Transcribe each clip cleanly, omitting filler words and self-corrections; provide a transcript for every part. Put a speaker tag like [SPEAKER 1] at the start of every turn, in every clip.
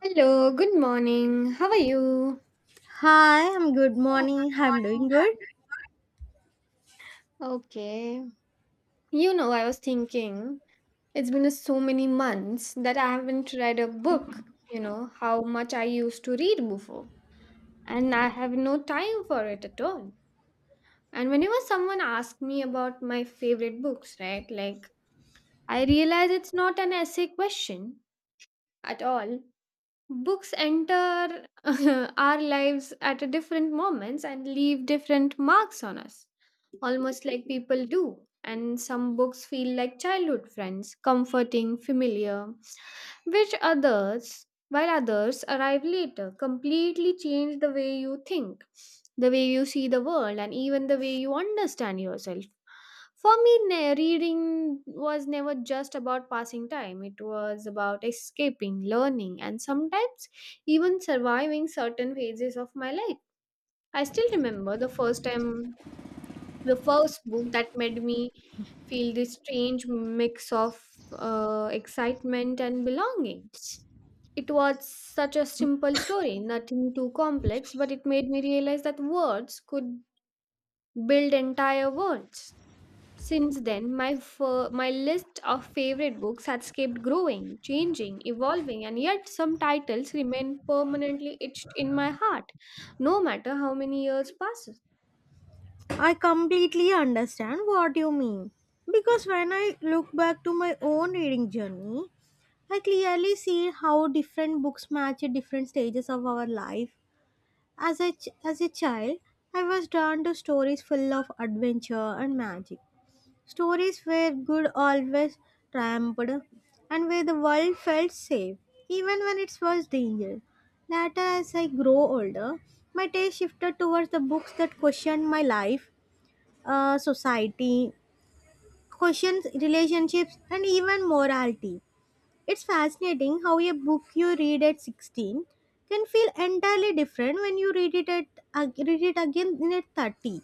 [SPEAKER 1] Hello, good morning. How are you?
[SPEAKER 2] Hi, I'm good
[SPEAKER 1] Hello,
[SPEAKER 2] morning.
[SPEAKER 1] good
[SPEAKER 2] I'm doing
[SPEAKER 1] morning.
[SPEAKER 2] good.
[SPEAKER 1] How are you? Okay. You know, I was thinking it's been so many months that I haven't read a book, how much I used to read before. And I have no time for it at all. And whenever someone asks me about my favorite books, right, like I realize it's not an essay question at all. Books enter our lives at a different moments and leave different marks on us almost like people do. And some books feel like childhood friends, comforting, familiar, which others, while others arrive later, completely change the way you think, the way you see the world, and even the way you understand yourself. For me, reading was never just about passing time. It was about escaping, learning, and sometimes even surviving certain phases of my life. I still remember the first book that made me feel this strange mix of excitement and belonging. It was such a simple story, nothing too complex, but it made me realize that words could build entire worlds. Since then, my list of favorite books has kept growing, changing, evolving, and yet some titles remain permanently etched in my heart, no matter how many years pass.
[SPEAKER 2] I completely understand what you mean. Because when I look back to my own reading journey, I clearly see how different books match at different stages of our life. As a child, I was drawn to stories full of adventure and magic. Stories where good always triumphed and where the world felt safe, even when it was dangerous. Later, as I grow older, my taste shifted towards the books that questioned my life, society, questions relationships, and even morality. It's fascinating how a book you read at 16 can feel entirely different when you read read it again in at 30.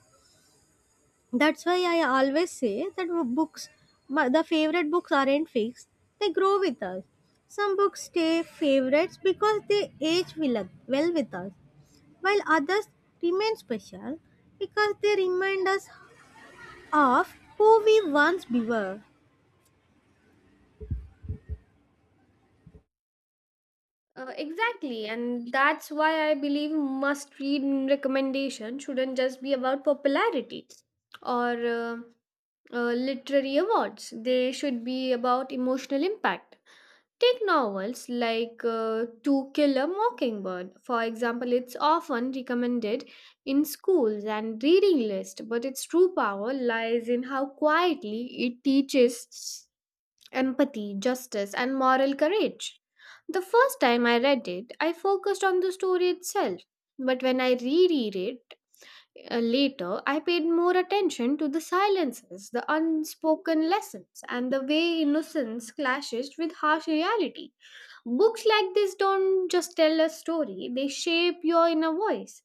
[SPEAKER 2] That's why I always say that books, the favorite books aren't fixed, they grow with us. Some books stay favorites because they well with us, while others remain special because they remind us of who we once were.
[SPEAKER 1] Exactly, and that's why I believe must read recommendation shouldn't just be about popularity or literary awards. They should be about emotional impact. Take novels like To Kill a Mockingbird, for example. It's often recommended in schools and reading list, but its true power lies in how quietly it teaches empathy, justice, and moral courage. The first time I read it, I focused on the story itself. But when I reread it later, I paid more attention to the silences, the unspoken lessons, and the way innocence clashes with harsh reality. Books like this don't just tell a story, they shape your inner voice.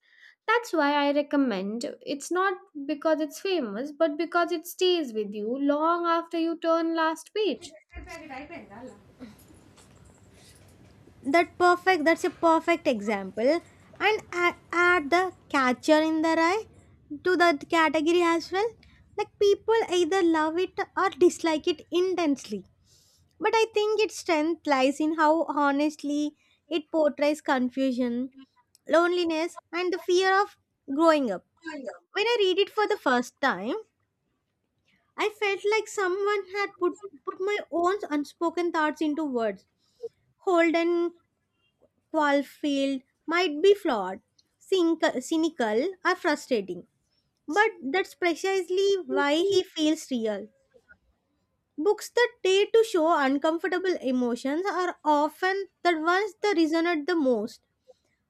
[SPEAKER 1] That's why I recommend it's not because it's famous, but because it stays with you long after you turn last page.
[SPEAKER 2] That's a perfect example. And add the Catcher in the Rye to that category as well. Like people either love it or dislike it intensely. But I think its strength lies in how honestly it portrays confusion, loneliness, and the
[SPEAKER 1] I
[SPEAKER 2] fear of growing up.
[SPEAKER 1] know.
[SPEAKER 2] When I read it for the first time, I felt like someone had put my own unspoken thoughts into words. Holden Caulfield might be flawed, cynical or frustrating, but that's precisely why he feels real. Books that try to show uncomfortable emotions are often the ones that resonate the most.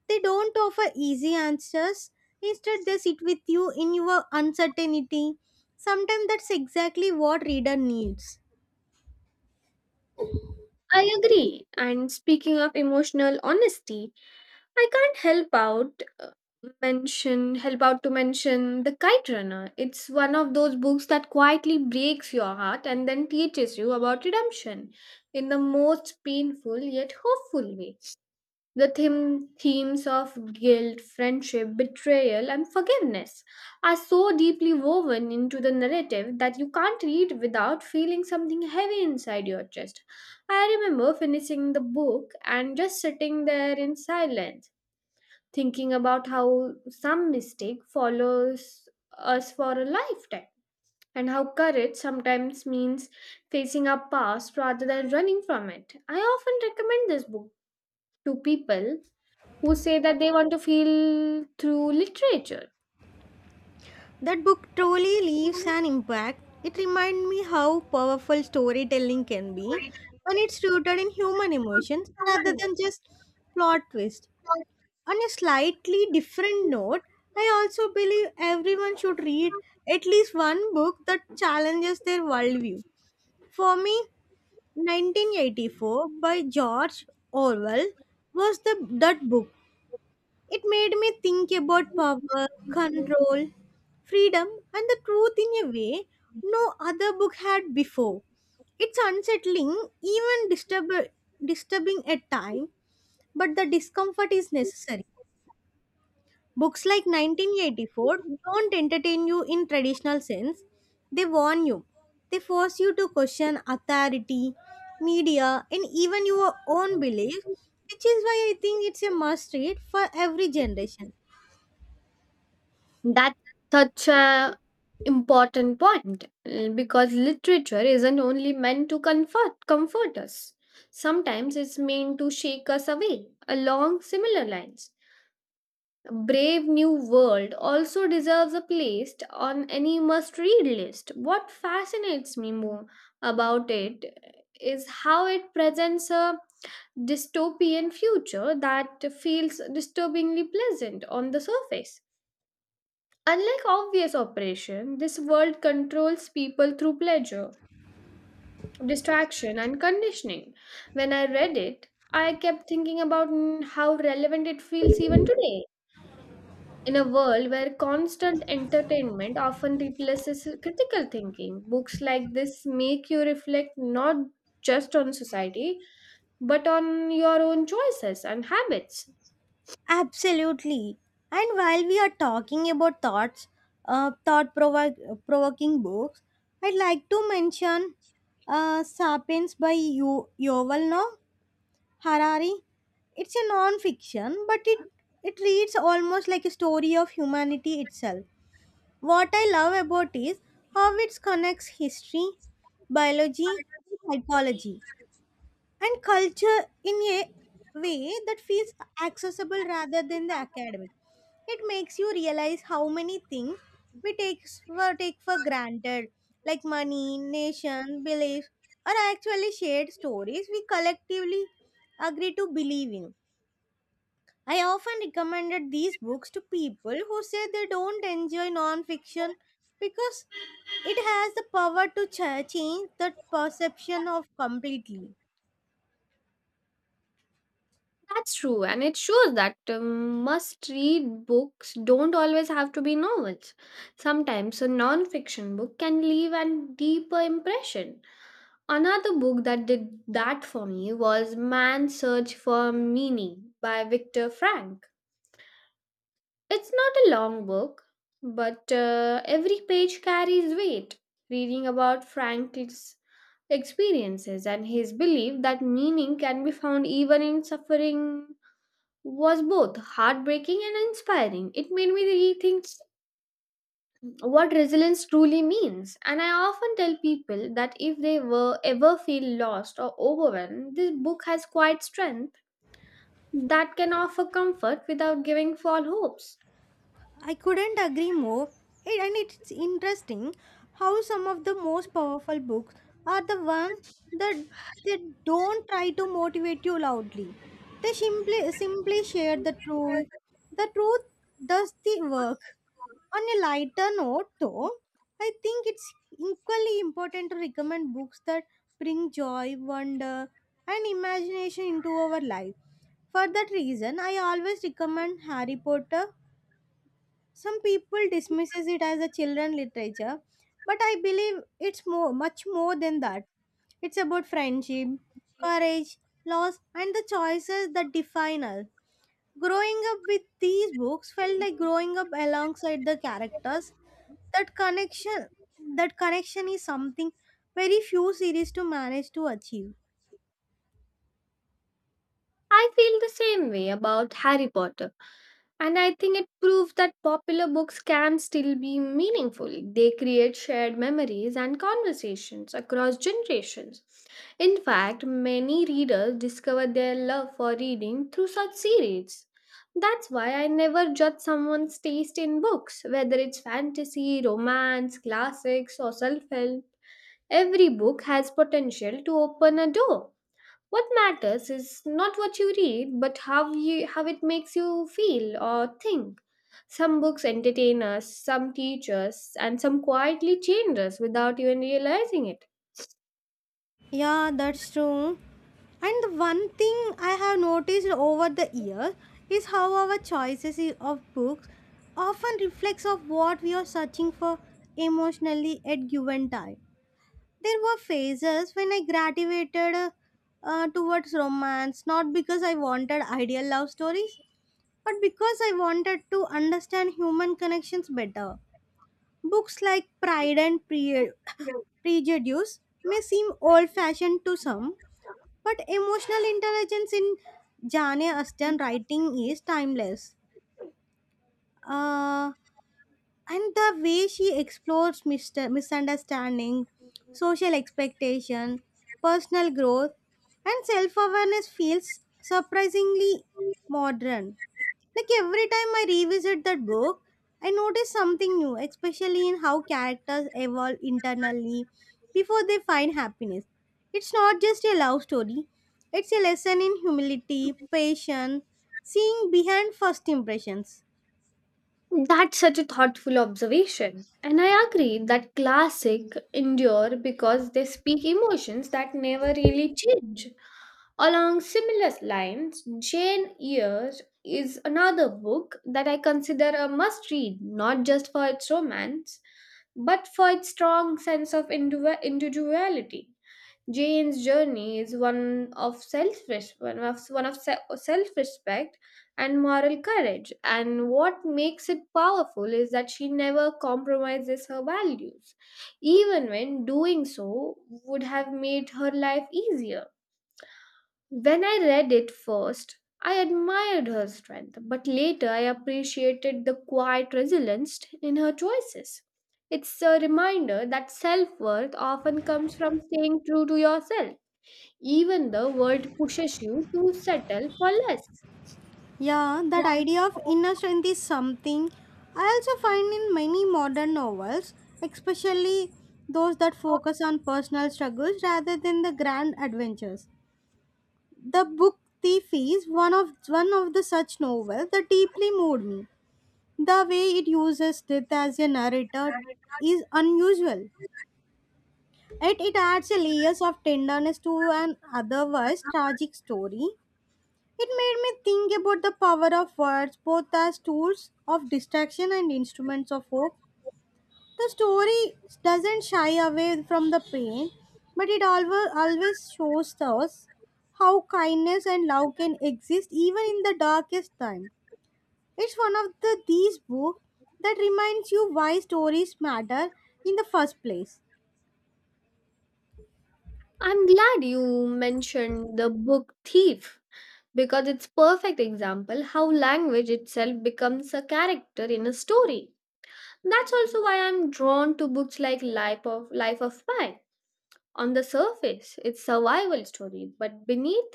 [SPEAKER 2] They don't offer easy answers. Instead, they sit with you in your uncertainty. Sometimes that's exactly what reader needs.
[SPEAKER 1] I agree. And speaking of emotional honesty, I can't help out mention help out to mention The Kite Runner. It's one of those books that quietly breaks your heart and then teaches you about redemption in the most painful yet hopeful way themes of guilt, friendship, betrayal, and forgiveness are so deeply woven into the narrative that you can't read without feeling something heavy inside your chest. I remember finishing the book and just sitting there in silence, thinking about how some mistake follows us for a lifetime and how courage sometimes means facing our past rather than running from it. I often recommend this book to people who say that they want to feel through literature.
[SPEAKER 2] That book truly leaves an impact. It reminds me how powerful storytelling can be when it's rooted in human emotions rather than just plot twists. On a slightly different note, I also believe everyone should read at least one book that challenges their worldview. For me, 1984 by George Orwell was the that book. It made me think about power, control, freedom, and the truth in a way no other book had before. It's unsettling, even disturbing at times, but the discomfort is necessary. Books like 1984 don't entertain you in traditional sense. They warn you. They force you to question authority, media, and even your own belief, which is why I think it's a must read for every generation.
[SPEAKER 1] That's such a important point because literature isn't only meant to comfort us. Sometimes it's meant to shake us away along similar lines. Brave New World also deserves a place on any must read list. What fascinates me more about it is how it presents a dystopian future that feels disturbingly pleasant on the surface. Unlike obvious operation, this world controls people through pleasure, distraction, and conditioning. When I read it, I kept thinking about how relevant it feels even today. In a world where constant entertainment often replaces critical thinking, books like this make you reflect not just on society, but on your own choices and habits.
[SPEAKER 2] Absolutely. And while we are talking about thoughts, provoking books, I'd like to mention Sapiens by Yoval Noah Harari. It's a non-fiction, but it reads almost like a story of humanity itself. What I love about is how it connects history, biology, and psychology and culture in a way that feels accessible rather than the academic. It makes you realize how many things we take for granted, like money, nation, beliefs, are actually shared stories we collectively agree to believe in. I often recommended these books to people who say they don't enjoy non-fiction because it has the power to change that perception of completely.
[SPEAKER 1] That's true, and it shows that must read books don't always have to be novels. Sometimes a non fiction book can leave a deeper impression. Another book that did that for me was Man's Search for Meaning by Viktor Frank. It's not a long book, but every page carries weight. Reading about Frank's experiences and his belief that meaning can be found even in suffering was both heartbreaking and inspiring. It made me rethink what resilience truly means. And I often tell people that if they were ever feel lost or overwhelmed, this book has quite strength that can offer comfort without giving false hopes.
[SPEAKER 2] I couldn't agree more. And it's interesting how some of the most powerful books are the ones that they don't try to motivate you loudly. They simply share the truth. The truth does the work. On a lighter note, though, I think it's equally important to recommend books that bring joy, wonder, and imagination into our life. For that reason, I always recommend Harry Potter. Some people dismisses it as a children literature, but I believe it's more much more than that. It's about friendship, courage, loss, and the choices that define us. Growing up with these books felt like growing up alongside the characters. That connection that connection is something very few series to manage to achieve.
[SPEAKER 1] I feel the same way about Harry Potter. And I think it proves that popular books can still be meaningful. They create shared memories and conversations across generations. In fact, many readers discover their love for reading through such series. That's why I never judge someone's taste in books, whether it's fantasy, romance, classics, or self help. Every book has potential to open a door. What matters is not what you read, but how it makes you feel or think. Some books entertain us, some teach us, and some quietly change us without even realizing it.
[SPEAKER 2] Yeah, that's true. And the one thing I have noticed over the years is how our choices of books often reflects of what we are searching for emotionally at given time. There were phases when I gravitated towards romance, not because I wanted ideal love stories, but because I wanted to understand human connections better. Books like Prejudice may seem old-fashioned to some, but emotional intelligence in Jane Austen writing is timeless. Uh, and the way she explores misunderstanding, social expectation, personal growth, and self awareness feels surprisingly modern. Like every time I revisit that book, I notice something new, especially in how characters evolve internally before they find happiness. It's not just a love story, it's a lesson in humility, patience, seeing behind first impressions.
[SPEAKER 1] That's such a thoughtful observation. And I agree that classic endure because they speak emotions that never really change. Along similar lines, Jane Eyre is another book that I consider a must read, not just for its romance, but for its strong sense of individuality. Jane's journey is one of self respect and moral courage. And what makes it powerful is that she never compromises her values, even when doing so would have made her life easier. When I read it first, I admired her strength, but later I appreciated the quiet resilience in her choices. It's a reminder that self worth often comes from staying true to yourself even the world pushes you to settle for less.
[SPEAKER 2] Yeah, that idea of inner strength is something I also find in many modern novels, especially those that focus on personal struggles rather than the grand adventures. The Book Thief is one of the such novels that deeply moved me. The way it uses death as a narrator is unusual. It adds a layers of tenderness to an otherwise tragic story. It made me think about the power of words both as tools of distraction and instruments of hope. The story doesn't shy away from the pain, but it always shows us how kindness and love can exist even in the darkest time. It's one of these books that reminds you why stories matter in the first place.
[SPEAKER 1] I'm glad you mentioned the book Thief because it's perfect example how language itself becomes a character in a story. That's also why I'm drawn to books like Life of Pi. On the surface, it's survival story, but beneath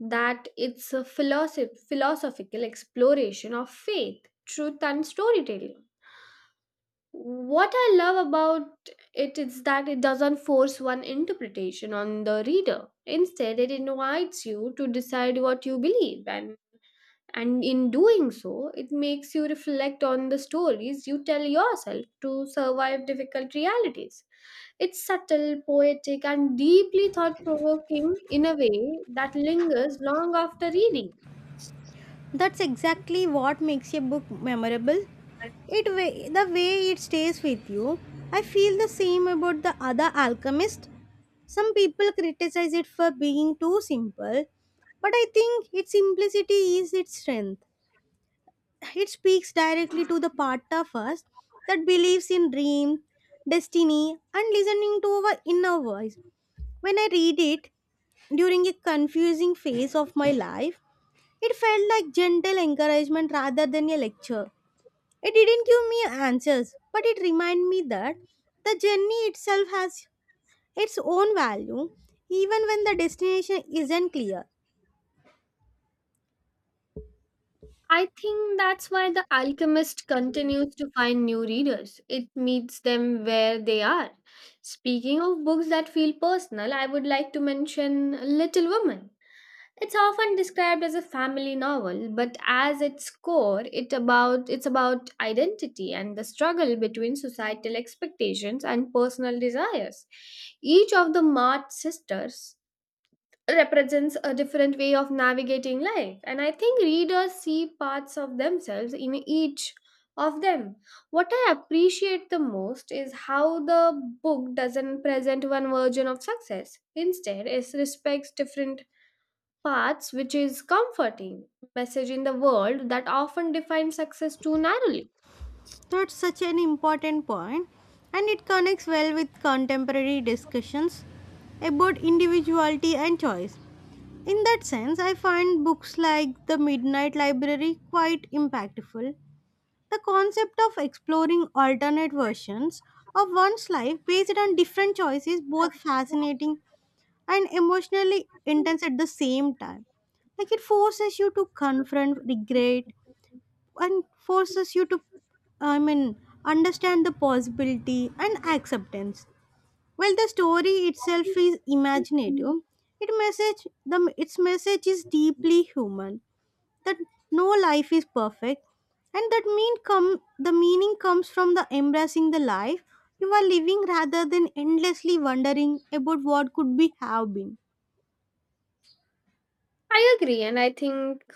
[SPEAKER 1] that it's a philosophical exploration of faith, truth and storytelling. What I love about it is that it doesn't force one interpretation on the reader. Instead, it invites you to decide what you believe, and in doing so, it makes you reflect on the stories you tell yourself to survive difficult realities. It's subtle, poetic, and deeply thought provoking in a way that lingers long after reading.
[SPEAKER 2] That's exactly what makes a book memorable. The way it stays with you. I feel the same about the other alchemist. Some people criticize it for being too simple, but I think its simplicity is its strength. It speaks directly to the part of us that believes in dream, destiny, and listening to our inner voice. When I read it during a confusing phase of my life, it felt like gentle encouragement rather than a lecture. It didn't give me answers, but it reminded me that the journey itself has its own value, even when the destination isn't clear.
[SPEAKER 1] I think that's why The Alchemist continues to find new readers. It meets them where they are. Speaking of books that feel personal, I would like to mention Little Women. It's often described as a family novel, but as its core, it's about identity and the struggle between societal expectations and personal desires. Each of the Mart sisters represents a different way of navigating life and I think readers see parts of themselves in each of them. What I appreciate the most is how the book doesn't present one version of success. Instead, it respects different paths, which is comforting message in the world that often defines success too narrowly.
[SPEAKER 2] That's such an important point, and it connects well with contemporary discussions about individuality and choice. In that sense, I find books like The Midnight Library quite impactful. The concept of exploring alternate versions of one's life based on different choices both fascinating and emotionally intense at the same time. Like it forces you to confront regret and forces you to I mean understand the possibility and acceptance. While the story itself is imaginative, it message the its message is deeply human, that no life is perfect and that meaning comes from the embracing the life you are living rather than endlessly wondering about what could be have been.
[SPEAKER 1] I agree, and I think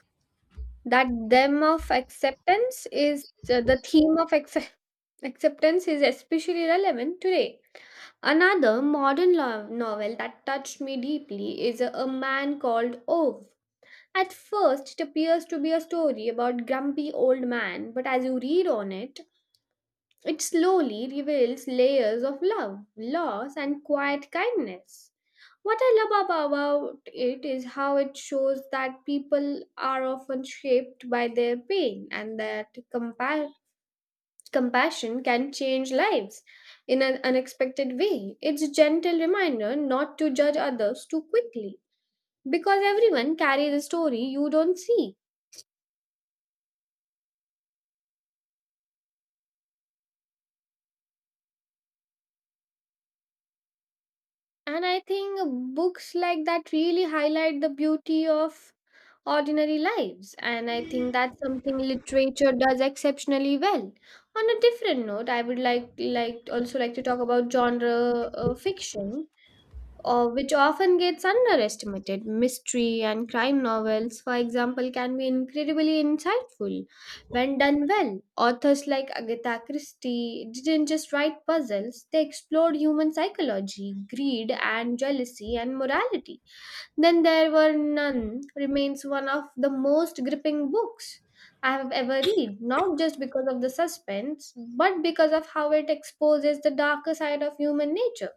[SPEAKER 1] that the theme of accept- acceptance is especially relevant today. Another novel that touched me deeply is A Man Called Ove. At first, it appears to be a story about grumpy old man, but as you read on it, it slowly reveals layers of love, loss, and quiet kindness. What I love about it is how it shows that people are often shaped by their pain and that compassion can change lives in an unexpected way. It's a gentle reminder not to judge others too quickly because everyone carries a story you don't see. And I think books like that really highlight the beauty of ordinary lives. And I think that's something literature does exceptionally well. On a different note, I would also like to talk about genre fiction which often gets underestimated. Mystery and crime novels, for example, can be incredibly insightful when done well. Authors like Agatha Christie didn't just write puzzles, they explored human psychology, greed, and jealousy and morality. Then There Were None remains one of the most gripping books I have ever read, not just because of the suspense, but because of how it exposes the darker side of human nature.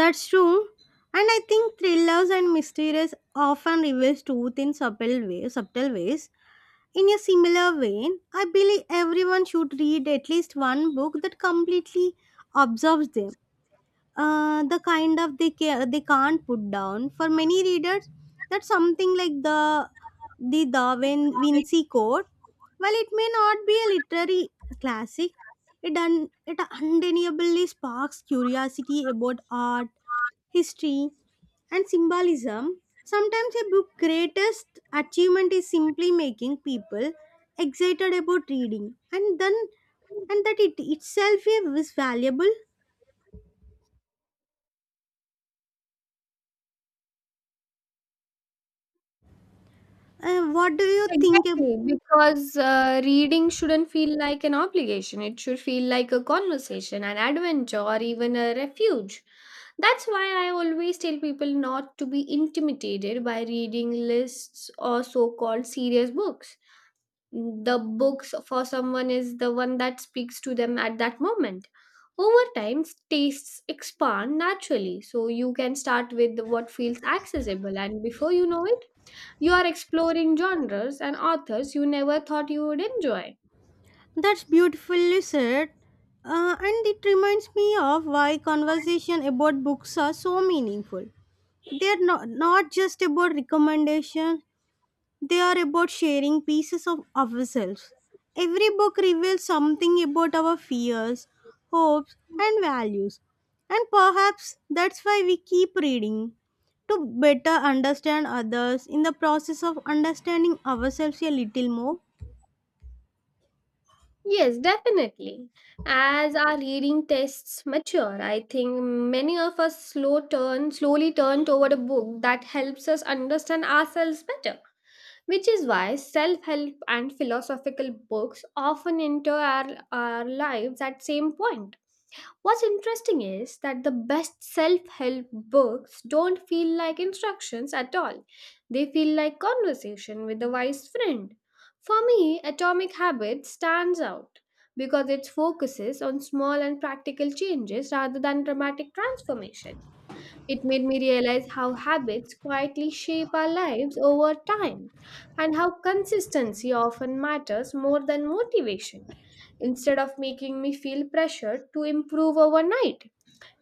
[SPEAKER 2] That's true, and I think thrillers and mysteries often reveals truth in subtle ways. In a similar vein, I believe everyone should read at least one book that completely absorbs them, the kind of they can't put down. For many readers, that's something like the Da Vinci Code. While it may not be a literary classic, it undeniably sparks curiosity about art, history, and symbolism. Sometimes a book's greatest achievement is simply making people excited about reading, and that it itself is valuable. What do you think about?
[SPEAKER 1] Exactly, because reading shouldn't feel like an obligation. It should feel like a conversation, an adventure, or even a refuge. That's why I always tell people not to be intimidated by reading lists or so called serious books. The books for someone is the one that speaks to them at that moment. Over time, tastes expand naturally, so you can start with what feels accessible, and before you know it, you are exploring genres and authors you never thought you would enjoy.
[SPEAKER 2] That's beautifully said. And it reminds me of why conversation about books are so meaningful. They're not, not just about recommendation, they are about sharing pieces of ourselves. Every book reveals something about our fears, hopes, and values. And perhaps that's why we keep reading, to better understand others in the process of understanding ourselves a little more.
[SPEAKER 1] Yes, definitely. As our reading tastes mature, I think many of us slowly turn toward a book that helps us understand ourselves better. Which is why self-help and philosophical books often enter our lives at same point. What's interesting is that the best self help books don't feel like instructions at all. They feel like conversation with a wise friend. For me, Atomic Habits stands out because it focuses on small and practical changes rather than dramatic transformation. It made me realize how habits quietly shape our lives over time and how consistency often matters more than motivation. Instead of making me feel pressured to improve overnight,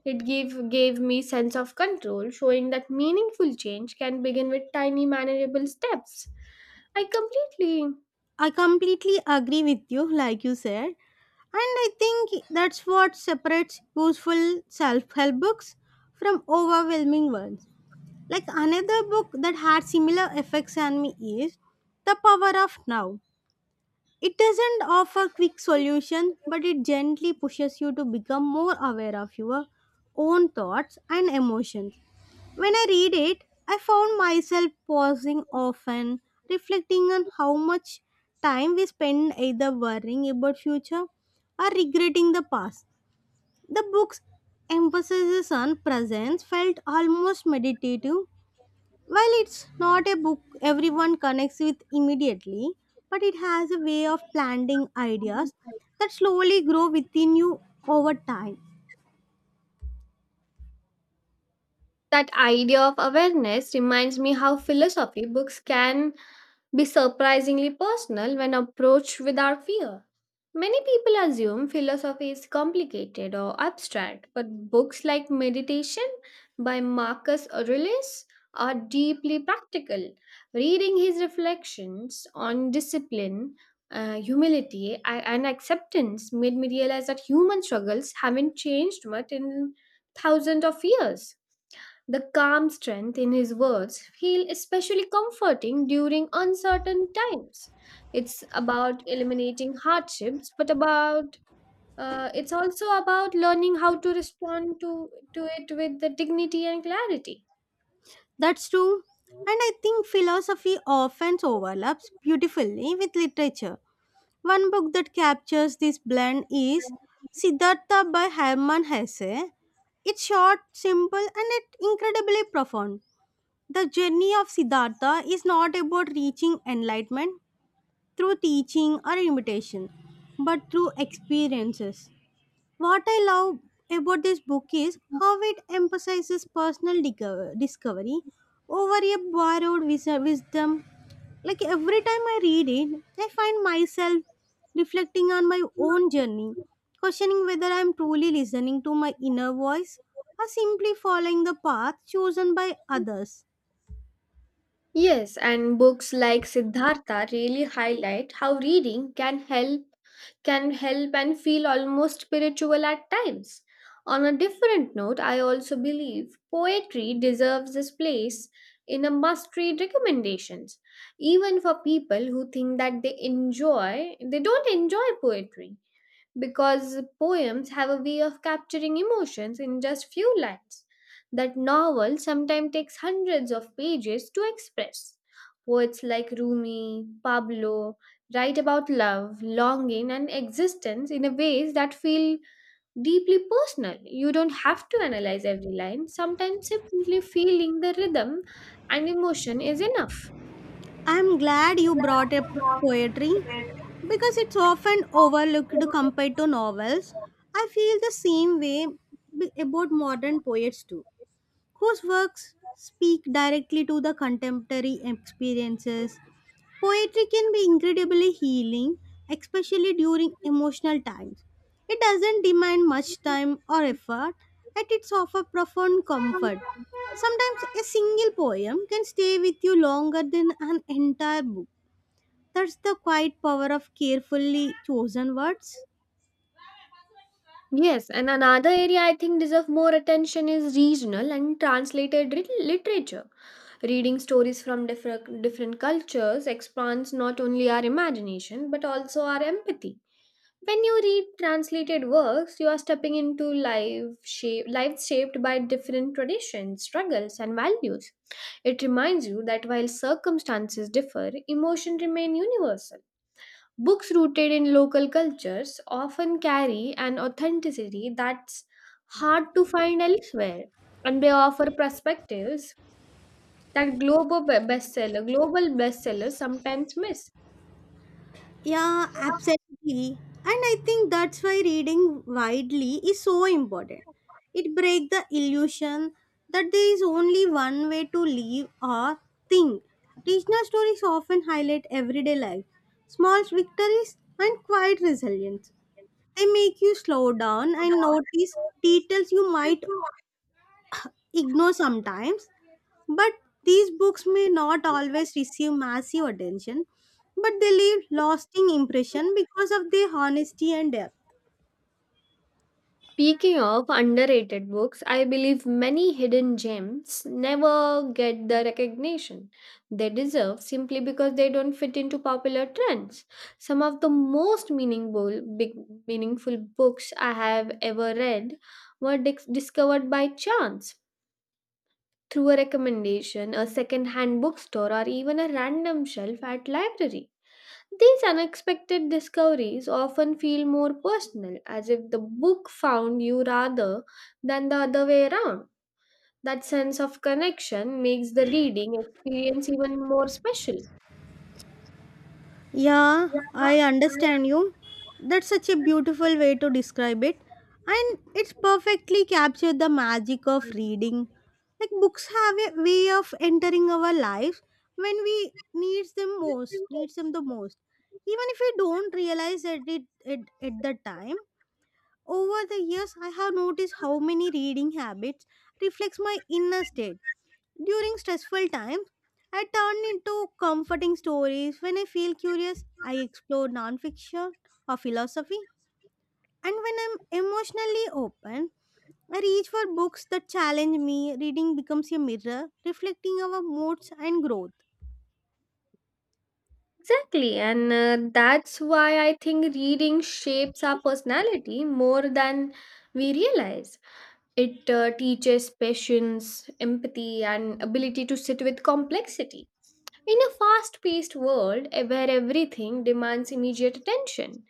[SPEAKER 1] it gave me sense of control, showing that meaningful change can begin with tiny manageable steps. I completely
[SPEAKER 2] I completely agree with you, like you said. And I think that's what separates useful self help books from overwhelming ones. Like another book that had similar effects on me is The Power of Now. It doesn't offer quick solution, but it gently pushes you to become more aware of your own thoughts and emotions. When I read it, I found myself pausing often, reflecting on how much time we spend either worrying about future or regretting the past. The book's emphasis on presence felt almost meditative. While it's not a book everyone connects with immediately, but it has a way of planting ideas that slowly grow within you over time.
[SPEAKER 1] that idea of awareness reminds me how philosophy books can be surprisingly personal when approached without fear. Many people assume philosophy is complicated or abstract, but books like Meditation by Marcus Aurelius are deeply practical. Reading his reflections on discipline, humility, and acceptance made me realize that human struggles haven't changed much in thousands of years. The calm strength in his words feel especially comforting during uncertain times. It's about eliminating hardships, but about it's also about learning how to respond to it with the dignity and clarity.
[SPEAKER 2] That's true. And I think philosophy often overlaps beautifully with literature. One book that captures this blend is Siddhartha by Hermann Hesse. It's short, simple, and yet incredibly profound. The journey of Siddhartha is not about reaching enlightenment through teaching or imitation, but through experiences. What I love about this book is how it emphasizes discovery over a wisdom. Like every time I read it, I find myself reflecting on my own journey, questioning whether I'm truly listening to my inner voice or simply following the path chosen by others.
[SPEAKER 1] Yes, and books like Siddhartha really highlight how reading can help and feel almost spiritual at times. On a different note, I also believe poetry deserves this place in a must-read recommendations, even for people who think that they don't enjoy poetry because poems have a way of capturing emotions in just few lines that novel sometimes takes hundreds of pages to express. Poets like Rumi, Pablo write about love, longing, and existence in a ways that feel deeply personal. You don't have to analyze every line. Sometimes simply feeling the rhythm and emotion is enough.
[SPEAKER 2] I'm glad you brought up poetry because it's often overlooked compared to novels. I feel the same way about modern poets too, whose works speak directly to the contemporary experiences. Poetry can be incredibly healing, especially during emotional times. It doesn't demand much time or effort, yet it's offers profound comfort. Sometimes a single poem can stay with you longer than an entire book. That's the quiet power of carefully chosen words.
[SPEAKER 1] Yes, and another area I think deserve more attention is regional and translated literature. Reading stories from different cultures expands not only our imagination but also our empathy. When you read translated works, you are stepping into lives shaped by different traditions, struggles, and values. It reminds you that while circumstances differ, emotions remain universal. Books rooted in local cultures often carry an authenticity that's hard to find elsewhere, and they offer perspectives that global bestsellers sometimes miss.
[SPEAKER 2] Yeah, absolutely. And I think that's why reading widely is so important. It breaks the illusion that there is only one way to live or think. Regional stories often highlight everyday life, small victories, and quiet resilience. They make you slow down and notice details you might ignore sometimes. But these books may not always receive massive attention, but they leave lasting impression because of their honesty and depth.
[SPEAKER 1] Speaking of underrated books, I believe many hidden gems never get the recognition they deserve simply because they don't fit into popular trends. Some of the meaningful books I have ever read were discovered by chance through a recommendation, a second-hand bookstore, or even a random shelf at library. These unexpected discoveries often feel more personal, as if the book found you rather than the other way around. That sense of connection makes the reading experience even more special.
[SPEAKER 2] Yeah, I understand you. That's such a beautiful way to describe it. And it's perfectly captured the magic of reading. Like books have a way of entering our lives when we needs them the most. Even if we don't realize it at the time. Over the years, I have noticed how many reading habits reflects my inner state. During stressful times, I turn into comforting stories. When I feel curious, I explore nonfiction or philosophy. And when I'm emotionally open, I reach for books that challenge me. Reading becomes a mirror reflecting our moods and growth.
[SPEAKER 1] Exactly, and that's why I think reading shapes our personality more than we realize. It teaches patience, empathy, and ability to sit with complexity. In a fast paced world where everything demands immediate attention,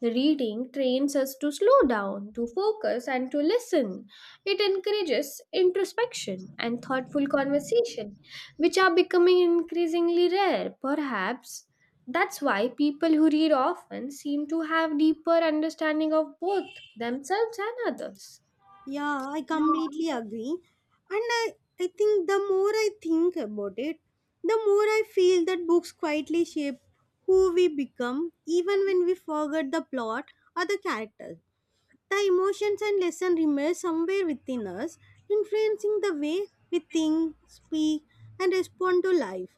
[SPEAKER 1] reading trains us to slow down, to focus, and to listen. It encourages introspection and thoughtful conversation, which are becoming increasingly rare. Perhaps that's why people who read often seem to have deeper understanding of both themselves and others.
[SPEAKER 2] Yeah, I completely agree. And I think the more I think about it, the more I feel that books quietly shape who we become, even when we forget the plot or the characters. The emotions and lesson remain somewhere within us, influencing the way we think, speak, and respond to life.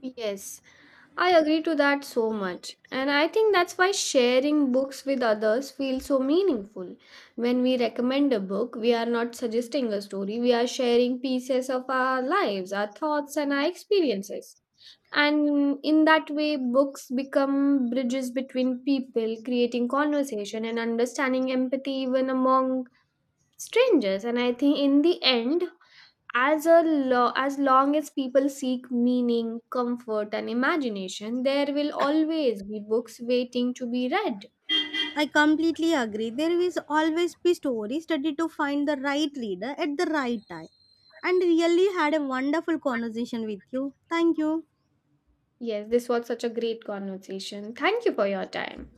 [SPEAKER 1] Yes, I agree to that so much. And I think that's why sharing books with others feels so meaningful. When we recommend a book, we are not suggesting a story, we are sharing pieces of our lives, our thoughts, and our experiences. And in that way, books become bridges between people, creating conversation and understanding empathy even among strangers. And I think in the end, as long as people seek meaning comfort and imagination there will always be books waiting to be read.
[SPEAKER 2] I completely agree. There is always be story study to find the right reader at the right time. And really had a wonderful conversation with you. Thank you.
[SPEAKER 1] Yes, this was such a great conversation. Thank you for your time.